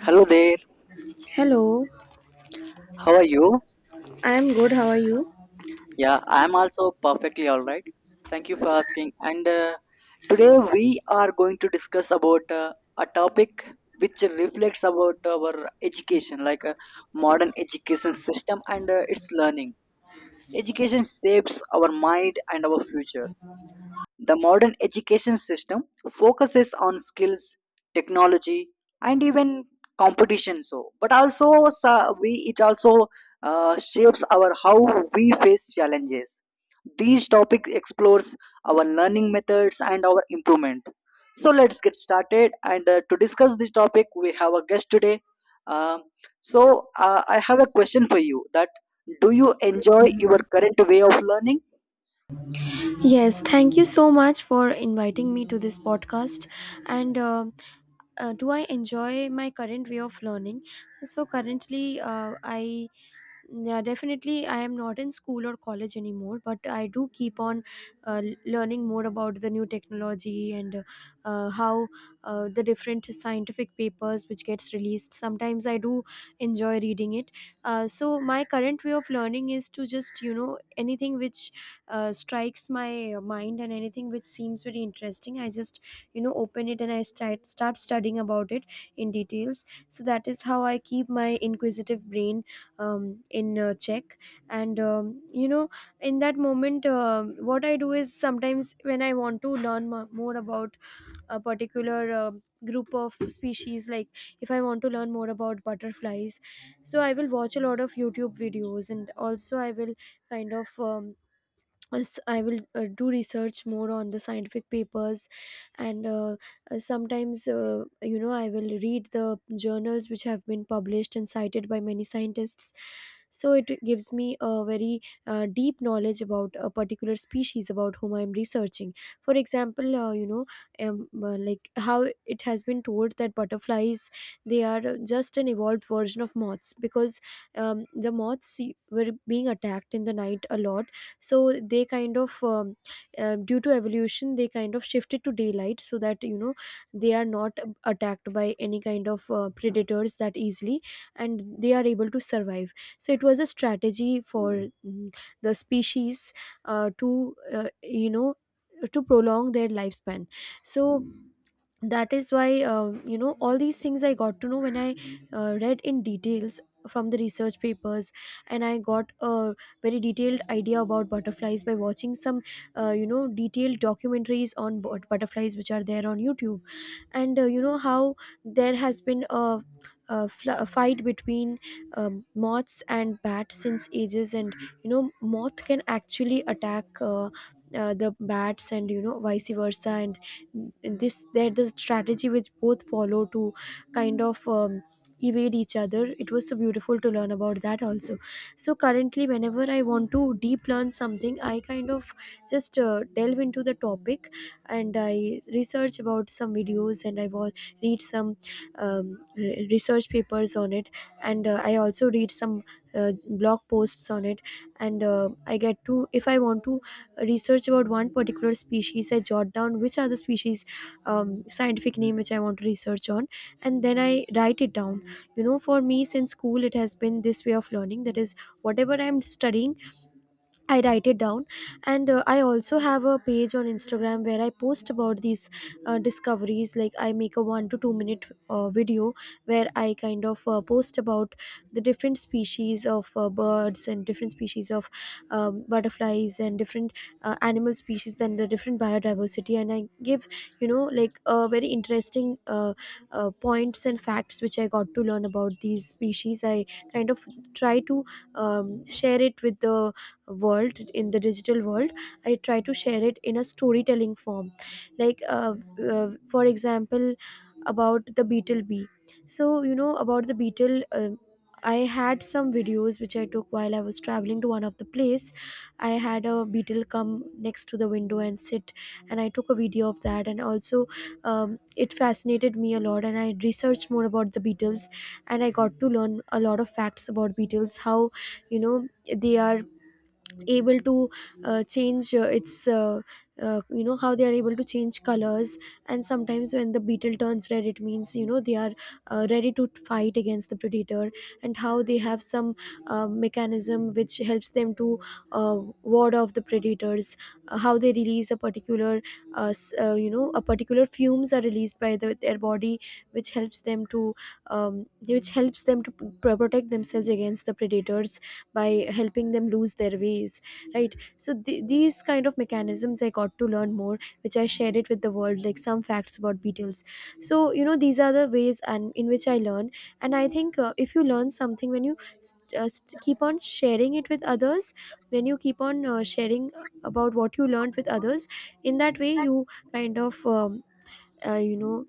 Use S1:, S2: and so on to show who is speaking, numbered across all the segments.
S1: Hello there.
S2: Hello,
S1: How are you?
S2: I am good. How are you?
S1: Yeah, I'm also perfectly all right. Thank you for asking. And today we are going to discuss about a topic which reflects about our education, like modern education system and its learning. Education shapes our mind and our future. The modern education system focuses on skills, technology, and even competition. So, but also so we it also shapes our how we face challenges. These topic explores our learning methods and our improvement. So let's get started. And to discuss this topic, we have a guest today. Um, so I have a question for you. That do you enjoy your current way of learning?
S2: Yes, thank you so much for inviting me to this podcast. And Do I enjoy my current way of learning? So, currently, I yeah, definitely. I am not in school or college anymore, but I do keep on learning more about the new technology, and how the different scientific papers which gets released. Sometimes I do enjoy reading it. So my current way of learning is to just anything which strikes my mind, and anything which seems very interesting. I just open it and I start studying about it in details. So that is how I keep my inquisitive brain in check, and in that moment, what I do is sometimes when I want to learn more about a particular group of species, like if I want to learn more about butterflies, so I will watch a lot of YouTube videos, and also I will kind of um, I will do research more on the scientific papers, and sometimes I will read the journals which have been published and cited by many scientists. So it gives me a very deep knowledge about a particular species about whom I am researching. For example, like how it has been told that butterflies, they are just an evolved version of moths because the moths were being attacked in the night a lot, so they kind of, due to evolution, they kind of shifted to daylight so that, you know, they are not attacked by any kind of predators that easily, and they are able to survive. So it was a strategy for the species, to you know to prolong their lifespan. So that is why, you know, all these things I got to know when I read in details from the research papers. And I got a very detailed idea about butterflies by watching some detailed documentaries on butterflies, which are there on YouTube. And you know, how there has been a fight between moths and bats since ages. And, you know, moth can actually attack the bats, and, you know, vice versa. And this, there, the strategy which both follow to kind of um, evade each other, it was so beautiful to learn about that also. So currently, whenever I want to deep learn something, I kind of just delve into the topic, and I research about some videos, and I read some research papers on it. And I also read some blog posts on it. And I get to, if I want to research about one particular species, I jot down which are the species scientific name which I want to research on, and then I write it down. You know, for me, since school, it has been this way of learning, that is, whatever I'm studying, I write it down. And I also have a page on Instagram, where I post about these discoveries. Like, I make a 1 to 2 minute video, where I kind of post about the different species of birds, and different species of butterflies, and different animal species, and the different biodiversity. And I give, you know like very interesting points and facts which I got to learn about these species. I kind of try to share it with the world. In the digital world, I try to share it in a storytelling form, like, for example, about the beetle bee. So, you know, about the beetle, I had some videos which I took while I was traveling to one of the place. I had a beetle come next to the window and sit, and I took a video of that. And also, it fascinated me a lot, and I researched more about the beetles. And I got to learn a lot of facts about beetles, how, you know, they are able to change its you know how they are able to change colors. And sometimes when the beetle turns red, it means, you know, they are ready to fight against the predator. And how they have some mechanism which helps them to ward off the predators. How they release a particular s- you know a particular fumes are released by their body, which helps them to protect themselves against the predators by helping them lose their ways, right. So these kind of mechanisms I got to learn more, which I shared it with the world, like some facts about beetles. So, you know, these are the ways and in which I learn. And I think, if you learn something, when you keep on sharing it with others, when you keep on sharing about what you learned with others, in that way you kind of you know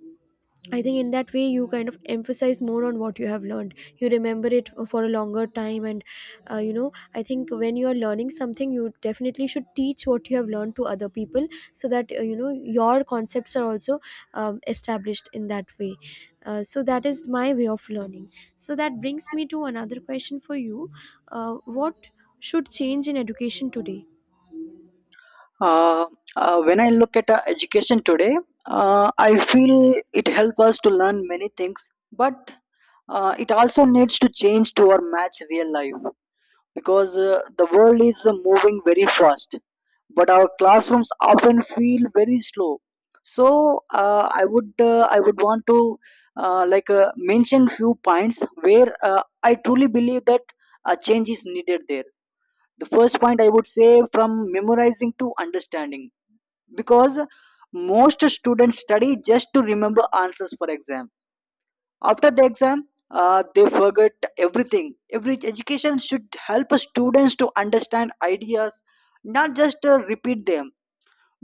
S2: I think in that way you kind of emphasize more on what you have learned. You remember it for a longer time. And you know, I think when you are learning something, you definitely should teach what you have learned to other people, so that, you know, your concepts are also established in that way. So that is my way of learning. So that brings me to another question for you: uh, what should change in education today?
S1: uh, when I look at education today, I feel it helps us to learn many things, but it also needs to change to our match real life, because the world is moving very fast, but our classrooms often feel very slow. So I would want to mention few points where I truly believe that a change is needed there. The first point I would say: from memorizing to understanding. Because most students study just to remember answers for exam. After the exam, they forget everything. Every education should help students to understand ideas, not just repeat them.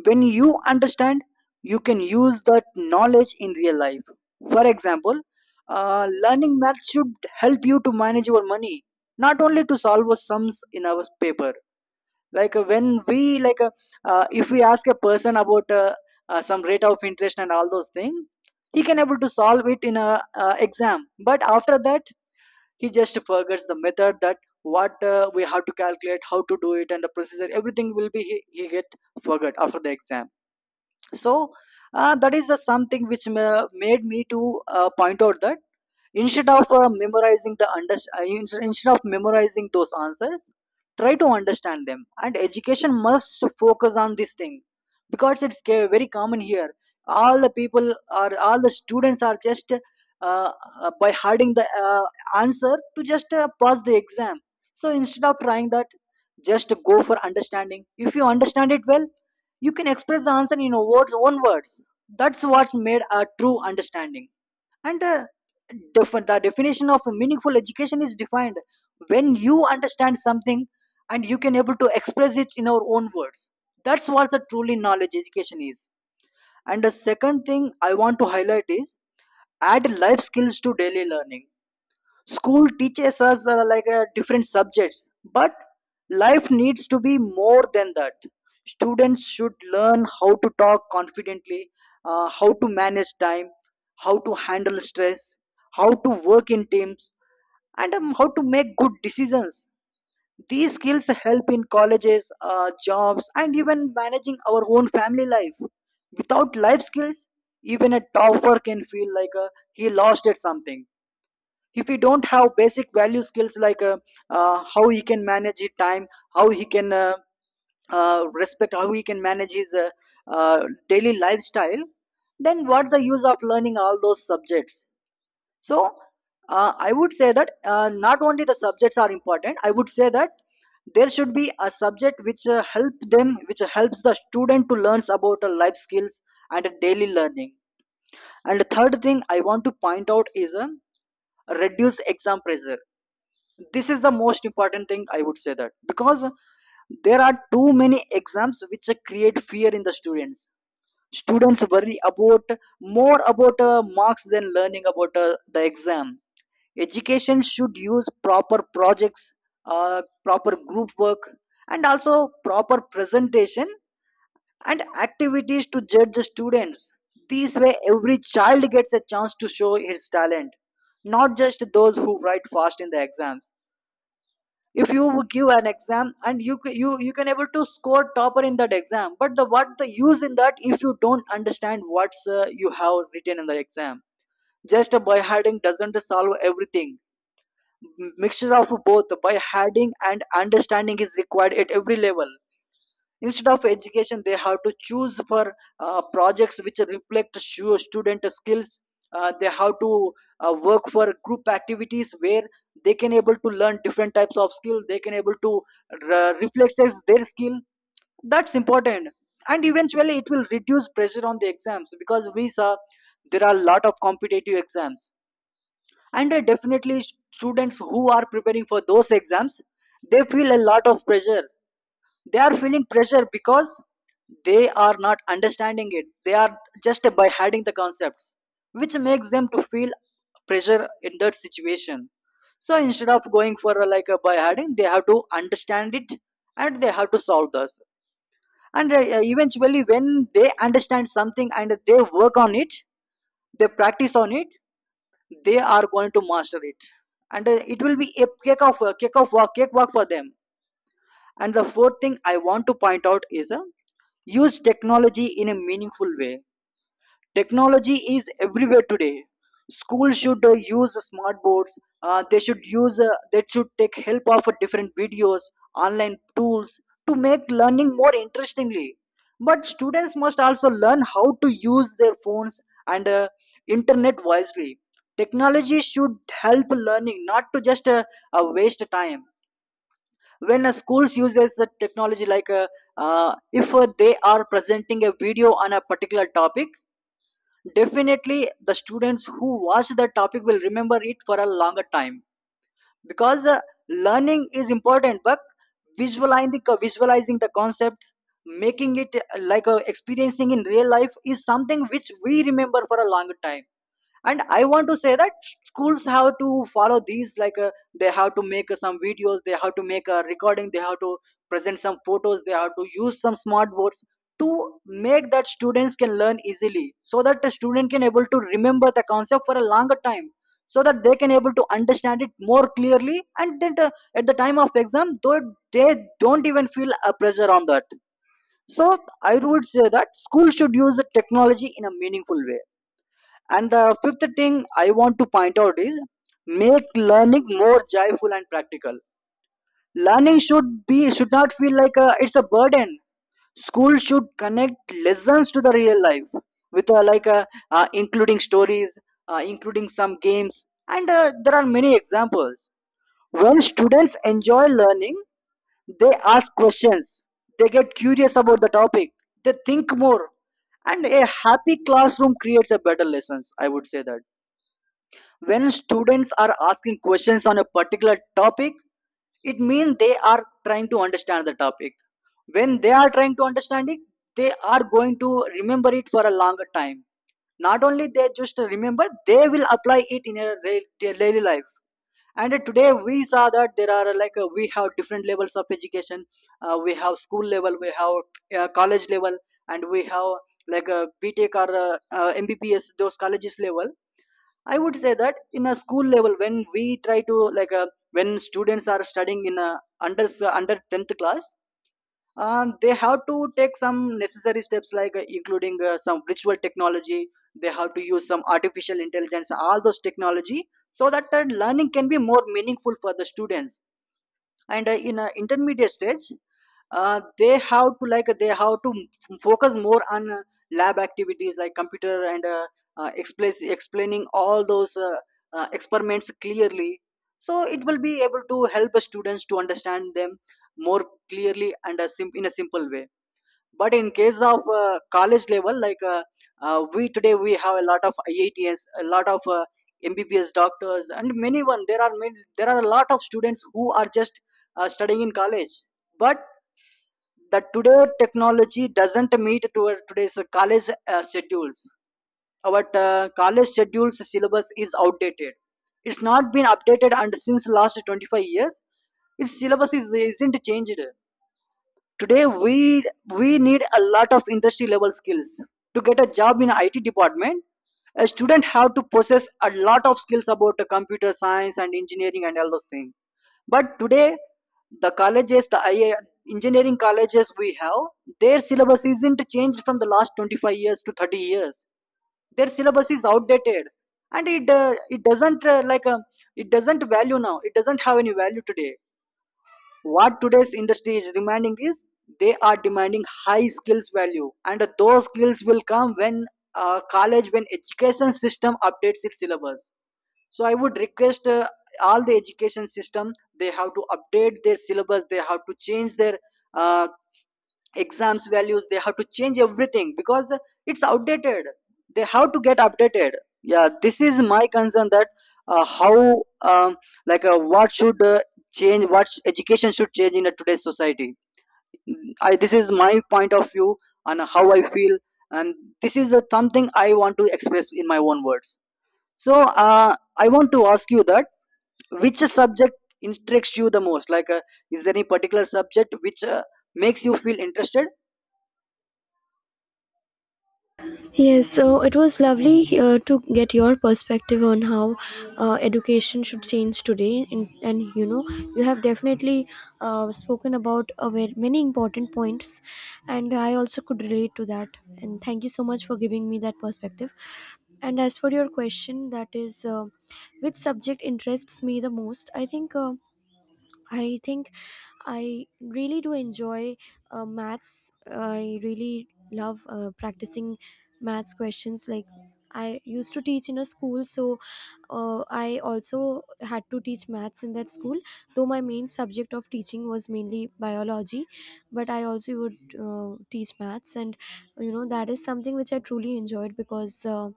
S1: When you understand, you can use that knowledge in real life. For example, learning math should help you to manage your money, not only to solve sums in our paper. Like when we like if we ask a person about some rate of interest and all those things, he can able to solve it in a exam, but after that he just forgets the method, that what we have to calculate, how to do it, and the procedure. Everything will be he get forgot after the exam. So that is the something which made me to point out that instead of memorizing the instead of memorizing those answers, try to understand them. And education must focus on this thing, because it's very common here. All the students are just by hiding the answer to just pass the exam. So instead of trying that, just go for understanding. If you understand it well, you can express the answer in your words own words. That's what made a true understanding. And the definition of meaningful education is defined when you understand something and you can able to express it in our own words. That's what a truly knowledge education is. And the second thing I want to highlight is: add life skills to daily learning. School teaches us like different subjects, but life needs to be more than that. Students should learn how to talk confidently, how to manage time, how to handle stress, how to work in teams, and how to make good decisions. These skills help in colleges, jobs, and even managing our own family life. Without life skills, even a topper can feel like he lost at something if he don't have basic value skills, like how he can manage his time, how he can respect, how he can manage his uh, daily lifestyle. Then what's the use of learning all those subjects? So I would say that not only the subjects are important. I would say that there should be a subject which helps the student to learn about life skills and daily learning. And the third thing I want to point out is: reduce exam pressure. This is the most important thing, I would say that, because there are too many exams which create fear in the students. Students worry about more about marks than learning about the exam. Education should use proper projects, proper group work, and also proper presentation and activities to judge the students. This way every child gets a chance to show his talent, not just those who write fast in the exams. If you give an exam and you ca- you can able to score topper in that exam, but the what the use in that if you don't understand what's you have written in the exam? Just a by hiding doesn't solve everything. Mixture of both by hiding and understanding is required at every level. Instead of education, they have to choose for projects which reflect student skills. They have to work for group activities where they can able to learn different types of skill, they can able to reflexes their skill. That's important. And eventually it will reduce pressure on the exams, because we saw there are a lot of competitive exams. And definitely, students who are preparing for those exams, they feel a lot of pressure. They are feeling pressure because they are not understanding it, they are just by hiding the concepts, which makes them to feel pressure in that situation. So instead of going for like a by hiding, they have to understand it and they have to solve this. And eventually when they understand something and they work on it, they practice on it, they are going to master it. And it will be a cake of walk cake walk for them. And the fourth thing I want to point out is: use technology in a meaningful way. Technology is everywhere today. Schools should use smart boards. They should use. They should take help of different videos, online tools to make learning more interestingly. But students must also learn how to use their phones and internet wisely. Technology should help learning, not to just waste time. When a schools uses the technology, if they are presenting a video on a particular topic, definitely the students who watch the topic will remember it for a longer time. Because learning is important, but visualizing the concept, making it experiencing in real life is something which we remember for a longer time. And I want to say that schools have to follow these, like they have to make some videos, they have to make a recording, they have to present some photos, they have to use some smart boards to make that students can learn easily, so that the student can able to remember the concept for a longer time, so that they can able to understand it more clearly. And then at the time of exam, though, they don't even feel a pressure on that. So I would say that school should use the technology in a meaningful way. And the fifth thing I want to point out is: make learning more joyful and practical. Learning should not feel like a, it's a burden. School should connect lessons to the real life with like a, including stories, including some games, and there are many examples. When students enjoy learning, they ask questions, they get curious about the topic, they think more, and a happy classroom creates a better lessons. I would say that when students are asking questions on a particular topic, it means they are trying to understand the topic. When they are trying to understand it, they are going to remember it for a longer time. Not only they just remember, they will apply it in their daily life. And today we saw that there are we have different levels of education. We have school level, we have college level, and we have like a BTech or MBBS those colleges level. I would say that in a school level, when we try to like when students are studying in a under tenth class, they have to take some necessary steps, like including some virtual technology, they have to use some artificial intelligence, all those technology, so that learning can be more meaningful for the students. And in intermediate stage, they have to focus more on lab activities like computer, and explaining all those experiments clearly, so it will be able to help the students to understand them more clearly and in a simple way. But in case of college level, like we today we have a lot of IITs, a lot of MBBS doctors, and many one there are many there are a lot of students who are just studying in college, but the today technology doesn't meet to our today's college schedules. Our college schedules syllabus is outdated. It's not been updated and since last 25 years its syllabus isn't changed. Today we need a lot of industry level skills. To get a job in IT department, a student have to possess a lot of skills about the computer science and engineering and all those things. But today the colleges, the IA, engineering colleges we have, their syllabus isn't changed from the last 25 years to 30 years. Their syllabus is outdated, and it doesn't it doesn't value now. It doesn't have any value today. What today's industry is demanding is they are demanding high skills value, and those skills will come when college, when education system updates its syllabus. So I would request all the education system, they have to update their syllabus, they have to change their uh, exams values, they have to change everything because it's outdated, they have to get updated. Yeah, this is my concern, that how like what should change, what education should change in a today's society. This is my point of view on how I feel. And this is something I want to express in my own words. So I want to ask you that which subject interests you the most, is there any particular subject which makes you feel interested?
S2: Yes, so it was lovely to get your perspective on how education should change today. And, you know, you have definitely spoken about a very, many important points, and I also could relate to that. And thank you so much for giving me that perspective. And as for your question, that is, which subject interests me the most? I think I really do enjoy maths. I really love practicing maths questions. Like, I used to teach in a school, so I also had to teach maths in that school. Though my main subject of teaching was mainly biology, but I also would teach maths. And, you know, that is something which I truly enjoyed because.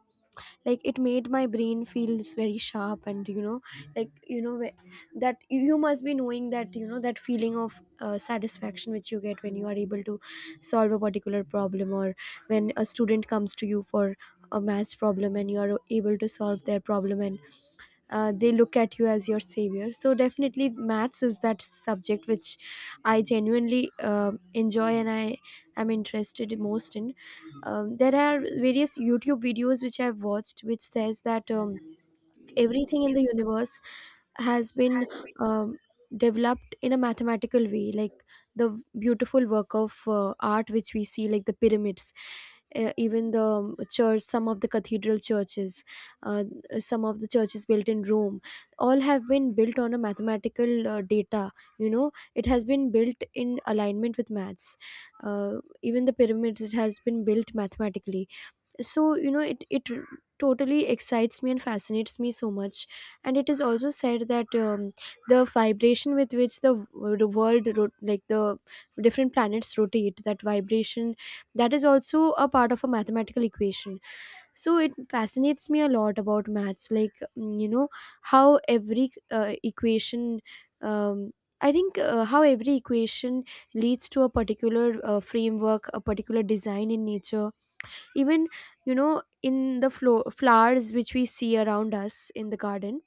S2: Like, it made my brain feels very sharp. And, you know, like, you know, that you must be knowing that, you know, that feeling of satisfaction which you get when you are able to solve a particular problem, or when a student comes to you for a maths problem, and you are able to solve their problem, and they look at you as your savior. So definitely, maths is that subject which I genuinely enjoy, and I am interested most in. There are various YouTube videos which I've watched which says that, everything in the universe has been um, developed in a mathematical way. Like the beautiful work of art which we see, like the pyramids, even the church some of the cathedral churches, uh, some of the churches built in Rome, all have been built on a mathematical data. You know, it has been built in alignment with maths. uh, Even the pyramids, it has been built mathematically. So, you know, it totally excites me and fascinates me so much. And it is also said that, the vibration with which the like the different planets rotate, that vibration, that is also a part of a mathematical equation. So it fascinates me a lot about maths. Like, you know, how every equation um, I think how every equation leads to a particular framework, a particular design in nature. Even, you know, in the flowers which we see around us in the garden,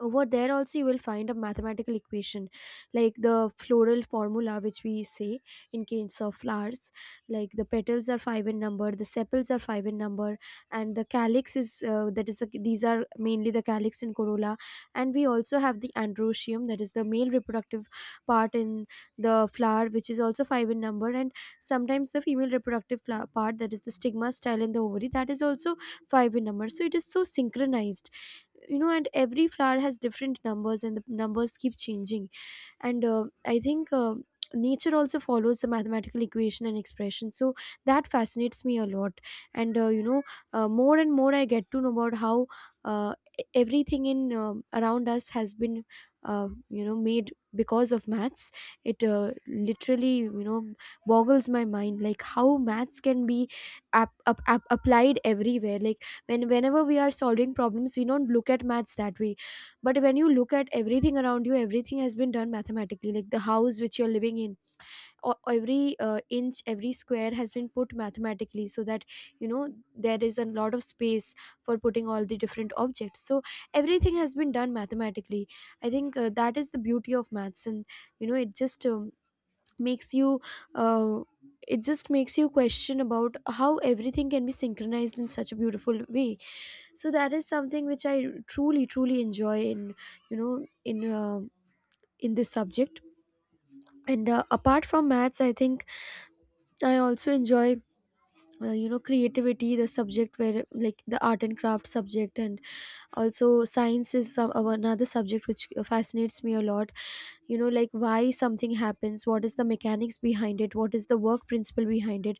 S2: over there also you will find a mathematical equation. Like, the floral formula, which we say in case of flowers, like the petals are five in number, the sepals are five in number, and the calyx is, that is the, these are mainly the calyx and corolla. And we also have the androecium, that is the male reproductive part in the flower, which is also five in number. And sometimes the female reproductive part, that is the stigma, style, and the ovary, that is also five in number. So it is so synchronized, you know. And every flower has different numbers, and the numbers keep changing. And I think, nature also follows the mathematical equation and expression, so that fascinates me a lot. And you know, more and more I get to know about how uh, Everything in around us has been made because of maths. It uh, literally you know boggles my mind like how maths can be applied everywhere. Like whenever we are solving problems, we don't look at maths that way. But when you look at everything around you, everything has been done mathematically, like the house which you're living in, or every inch, every square, has been put mathematically so that you know there is a lot of space for putting all the different objects. So everything has been done mathematically. I think that is the beauty of maths. And you know, it just makes you uh, it just makes you question about how everything can be synchronized in such a beautiful way. So that is something which I truly enjoy in, you know in uh, in this subject. And apart from maths, I think I also enjoy, creativity, the subject where, like the art and craft subject, and also science is another subject which fascinates me a lot. You know, like why something happens, what is the mechanics behind it, what is the work principle behind it.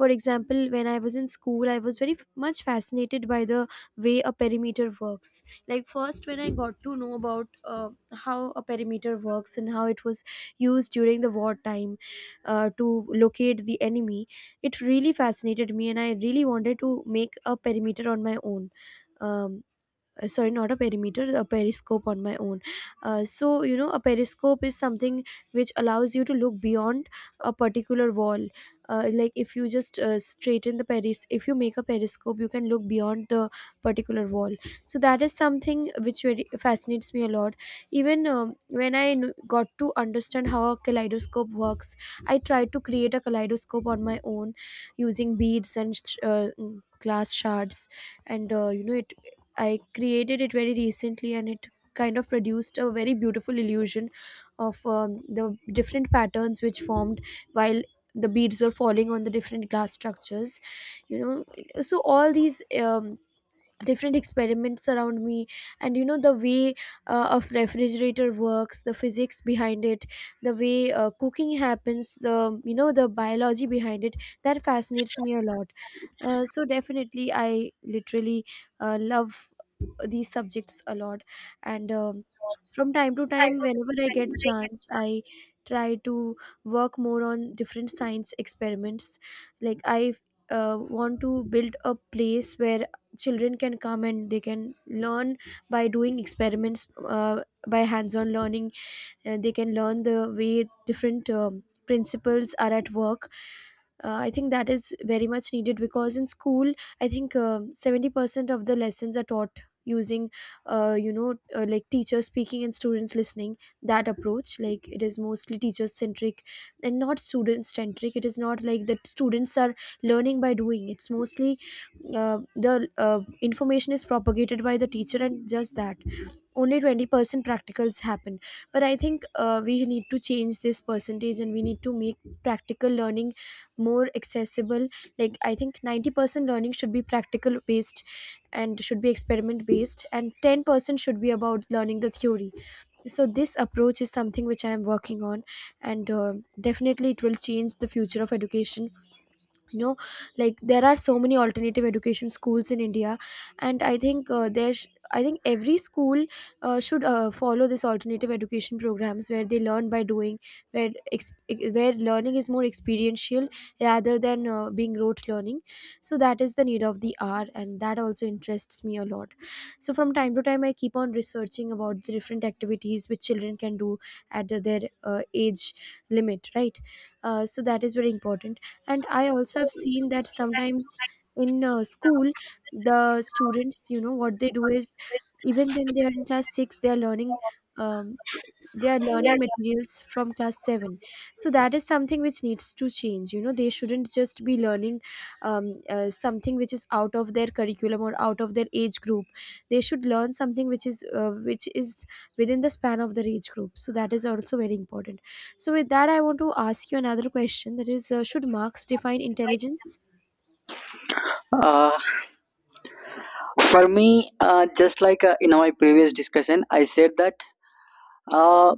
S2: For example, when I was in school, I was very much fascinated by the way a perimeter works. Like first when I got to know about how a perimeter works and how it was used during the wartime to locate the enemy, it really fascinated me, and I really wanted to make a perimeter on my own. um, Sorry, not a perimeter, a periscope on my own. So you know, a periscope is something which allows you to look beyond a particular wall. Like if you just straighten the peris if you make a periscope, you can look beyond the particular wall. So that is something which really fascinates me a lot. Even when I got to understand how a kaleidoscope works, I tried to create a kaleidoscope on my own using beads and glass shards. And it, I created it very recently, and it kind of produced a very beautiful illusion of the different patterns which formed while the beads were falling on the different glass structures, you know. So all these different experiments around me, and you know, the way of refrigerator works, the physics behind it, the way cooking happens, the the biology behind it, that fascinates me a lot. So definitely, I literally love these subjects a lot. And from time to time, whenever I get chance, I try to work more on different science experiments. Like I want to build a place where children can come and they can learn by doing experiments, by hands-on learning. They can learn the way different principles are at work. I think that is very much needed because in school, I think 70% of the lessons are taught using uh, you know like teachers speaking and students listening, that approach. Like it is mostly teacher centric and not student centric. It is not like that students are learning by doing. It's mostly the information is propagated by the teacher and just that. Only 20% practicals happen. But I think we need to change this percentage, and we need to make practical learning more accessible. Like I think 90% learning should be practical based and should be experiment based, and 10% should be about learning the theory. So this approach is something which I am working on. And definitely it will change the future of education, you know. Like there are so many alternative education schools in India, and I think there's I think every school should follow this alternative education programs, where they learn by doing, where, where learning is more experiential rather than being rote learning. So that is the need of the hour, and that also interests me a lot. So from time to time, I keep on researching about the different activities which children can do at their age limit, right? So that is very important. And I also have seen that sometimes in school, the students, you know, what they do is even then they are in class 6, they are learning, um, they are learning materials from class 7. So that is something which needs to change. You know, they shouldn't just be learning um, something which is out of their curriculum or out of their age group. They should learn something which is within the span of the reach group. So that is also very important. So with that, I want to ask you another question, that is, should marks define intelligence?
S1: Uh, For me, just like in my previous discussion, I said that uh,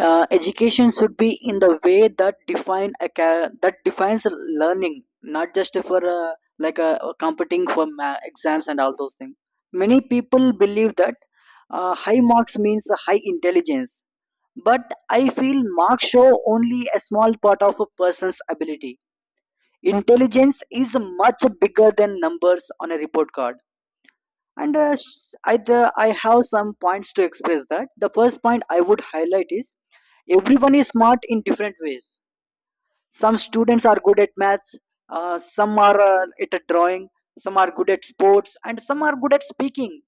S1: education should be in the way that defines learning, not just for competing for exams and all those things. Many people believe that high marks means high intelligence, but I feel marks show only a small part of a person's ability. Intelligence is much bigger than numbers on a report card. And I have some points to express. That the first point I would highlight is everyone is smart in different ways. Some students are good at maths, some are at a drawing, some are good at sports, and some are good at speaking.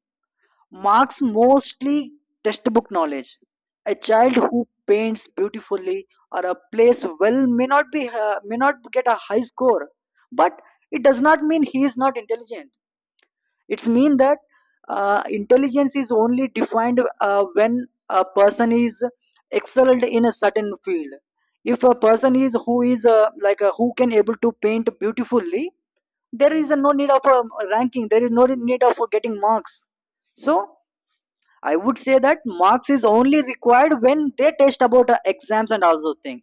S1: Marks mostly textbook knowledge. A child who paints beautifully or a plays well may not be may not get a high score, but it does not mean he is not intelligent. It's mean that intelligence is only defined when a person is excelled in a certain field. If a person is who is who can able to paint beautifully, there is no need of a ranking, there is no need of getting marks. So I would say that marks is only required when they test about exams and also thing.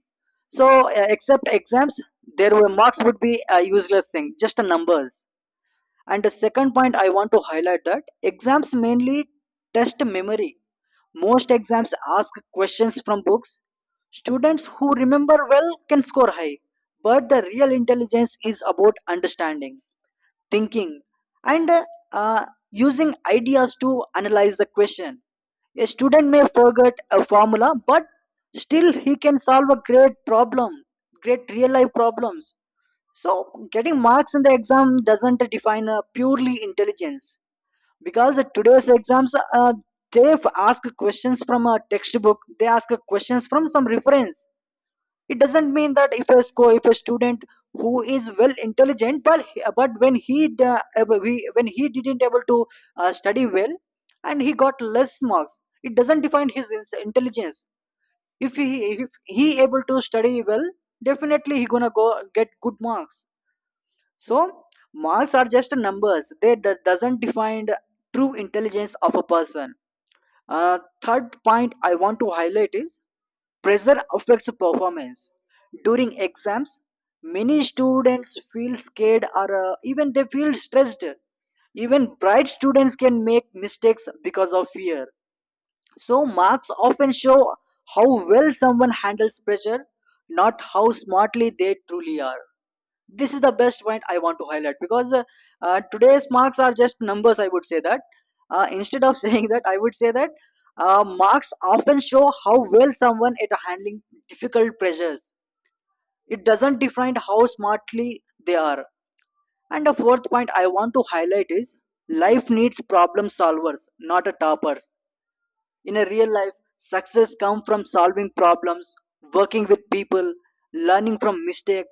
S1: So except exams, there were marks would be a useless thing, just a numbers. And the second point I want to highlight that exams mainly test memory. Most exams ask questions from books. Students who remember well can score high, but the real intelligence is about understanding, thinking, and using ideas to analyze the question. A student may forget a formula, but still he can solve a great problem, great real life problems. So, getting marks in the exam doesn't define purely intelligence, because today's exams ask questions from a textbook, they ask questions from some reference. It doesn't mean that if a score, if a student who is well intelligent, but when he da- ab- he- when he didn't able to study well and he got less marks, it doesn't define his intelligence. If he able to study well, definitely he gonna go get good marks. So marks are just numbers, they doesn't define the true intelligence of a person. Third point I want to highlight is pressure affects performance. During exams, many students feel scared or even they feel stressed. Even bright students can make mistakes because of fear. So marks often show how well someone handles pressure, not how smartly they truly are. This is the best point I want to highlight, because today's marks are just numbers, I would say that instead of saying that, I would say that marks often show how well someone at handling difficult pressures. It doesn't define how smartly they are. And the fourth point I want to highlight is life needs problem solvers, not a toppers. In a real life, success comes from solving problems, working with people, learning from mistake.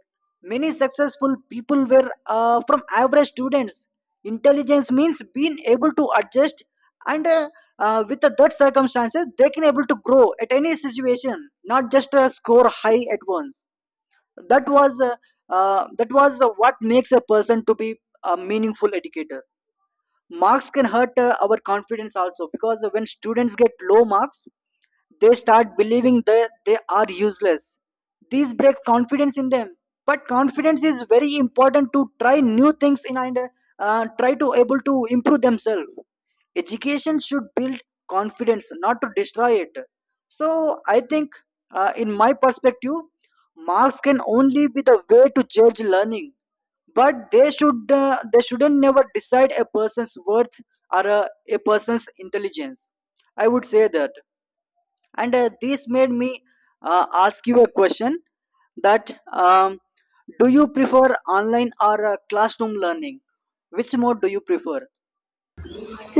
S1: Many successful people were from average students. Intelligence means being able to adjust and with the that circumstances they can able to grow at any situation, not just score high at once. That was uh, that was what makes a person to be a meaningful educator. Marks can hurt our confidence also, because when students get low marks they start believing that they are useless. This breaks confidence in them. But confidence is very important to try new things in and try to able to improve themselves. Education should build confidence, not to destroy it. So I think, in my perspective, marks can only be the way to judge learning, but they should they shouldn't never decide a person's worth or a person's intelligence. I would say that. And this made me ask you a question, that do you prefer online or classroom learning? Which mode do you prefer?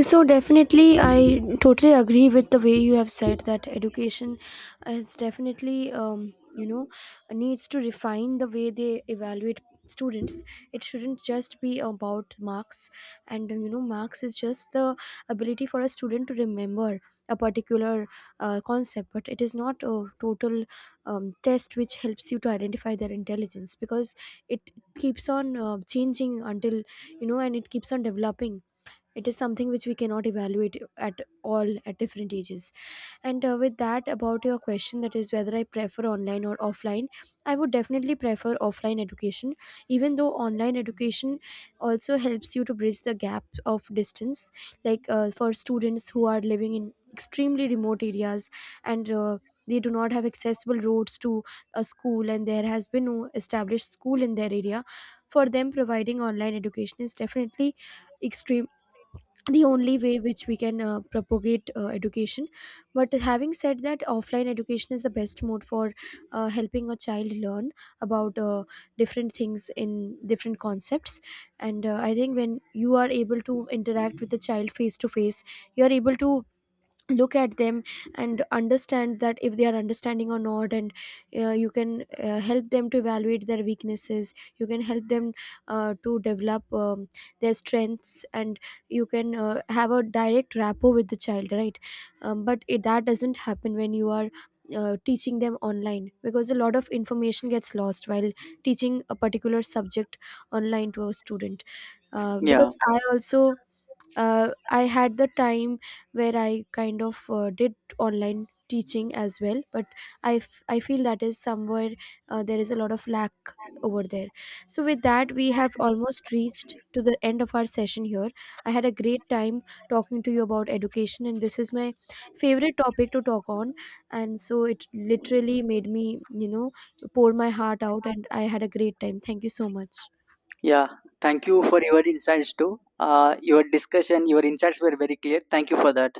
S2: So definitely, I totally agree with the way you have said that education is definitely, needs to refine the way they evaluate students. It shouldn't just be about marks. And you know, marks is just the ability for a student to remember a particular concept, but it is not a total test which helps you to identify their intelligence, because it keeps on changing until, you know, and it keeps on developing. It is something which we cannot evaluate at all at different ages. And with that, about your question, that is whether I prefer online or offline, I would definitely prefer offline education. Even though online education also helps you to bridge the gap of distance, like for students who are living in extremely remote areas, and they do not have accessible roads to a school, and there has been no established school in their area, for them providing online education is definitely extremely the only way which we can propagate education. But having said that, offline education is the best mode for helping a child learn about different things in different concepts. And I think when you are able to interact with the child face to face, you are able to look at them and understand that if they are understanding or not. And you can help them to evaluate their weaknesses. You can help them to develop their strengths, and you can have a direct rapport with the child, right? But that doesn't happen when you are teaching them online, because a lot of information gets lost while teaching a particular subject online to a student.
S1: Yeah,
S2: Because I also I had the time where I kind of did online teaching as well, but I feel that is somewhere there is a lot of lack over there. So with that, we have almost reached to the end of our session here. I had a great time talking to you about education, and this is my favorite topic to talk on. And so, it literally made me, you know, pour my heart out, and I had a great time. Thank you so much.
S1: yeah, thank you for your insights too. Your discussion, your insights were very clear. Thank you for that.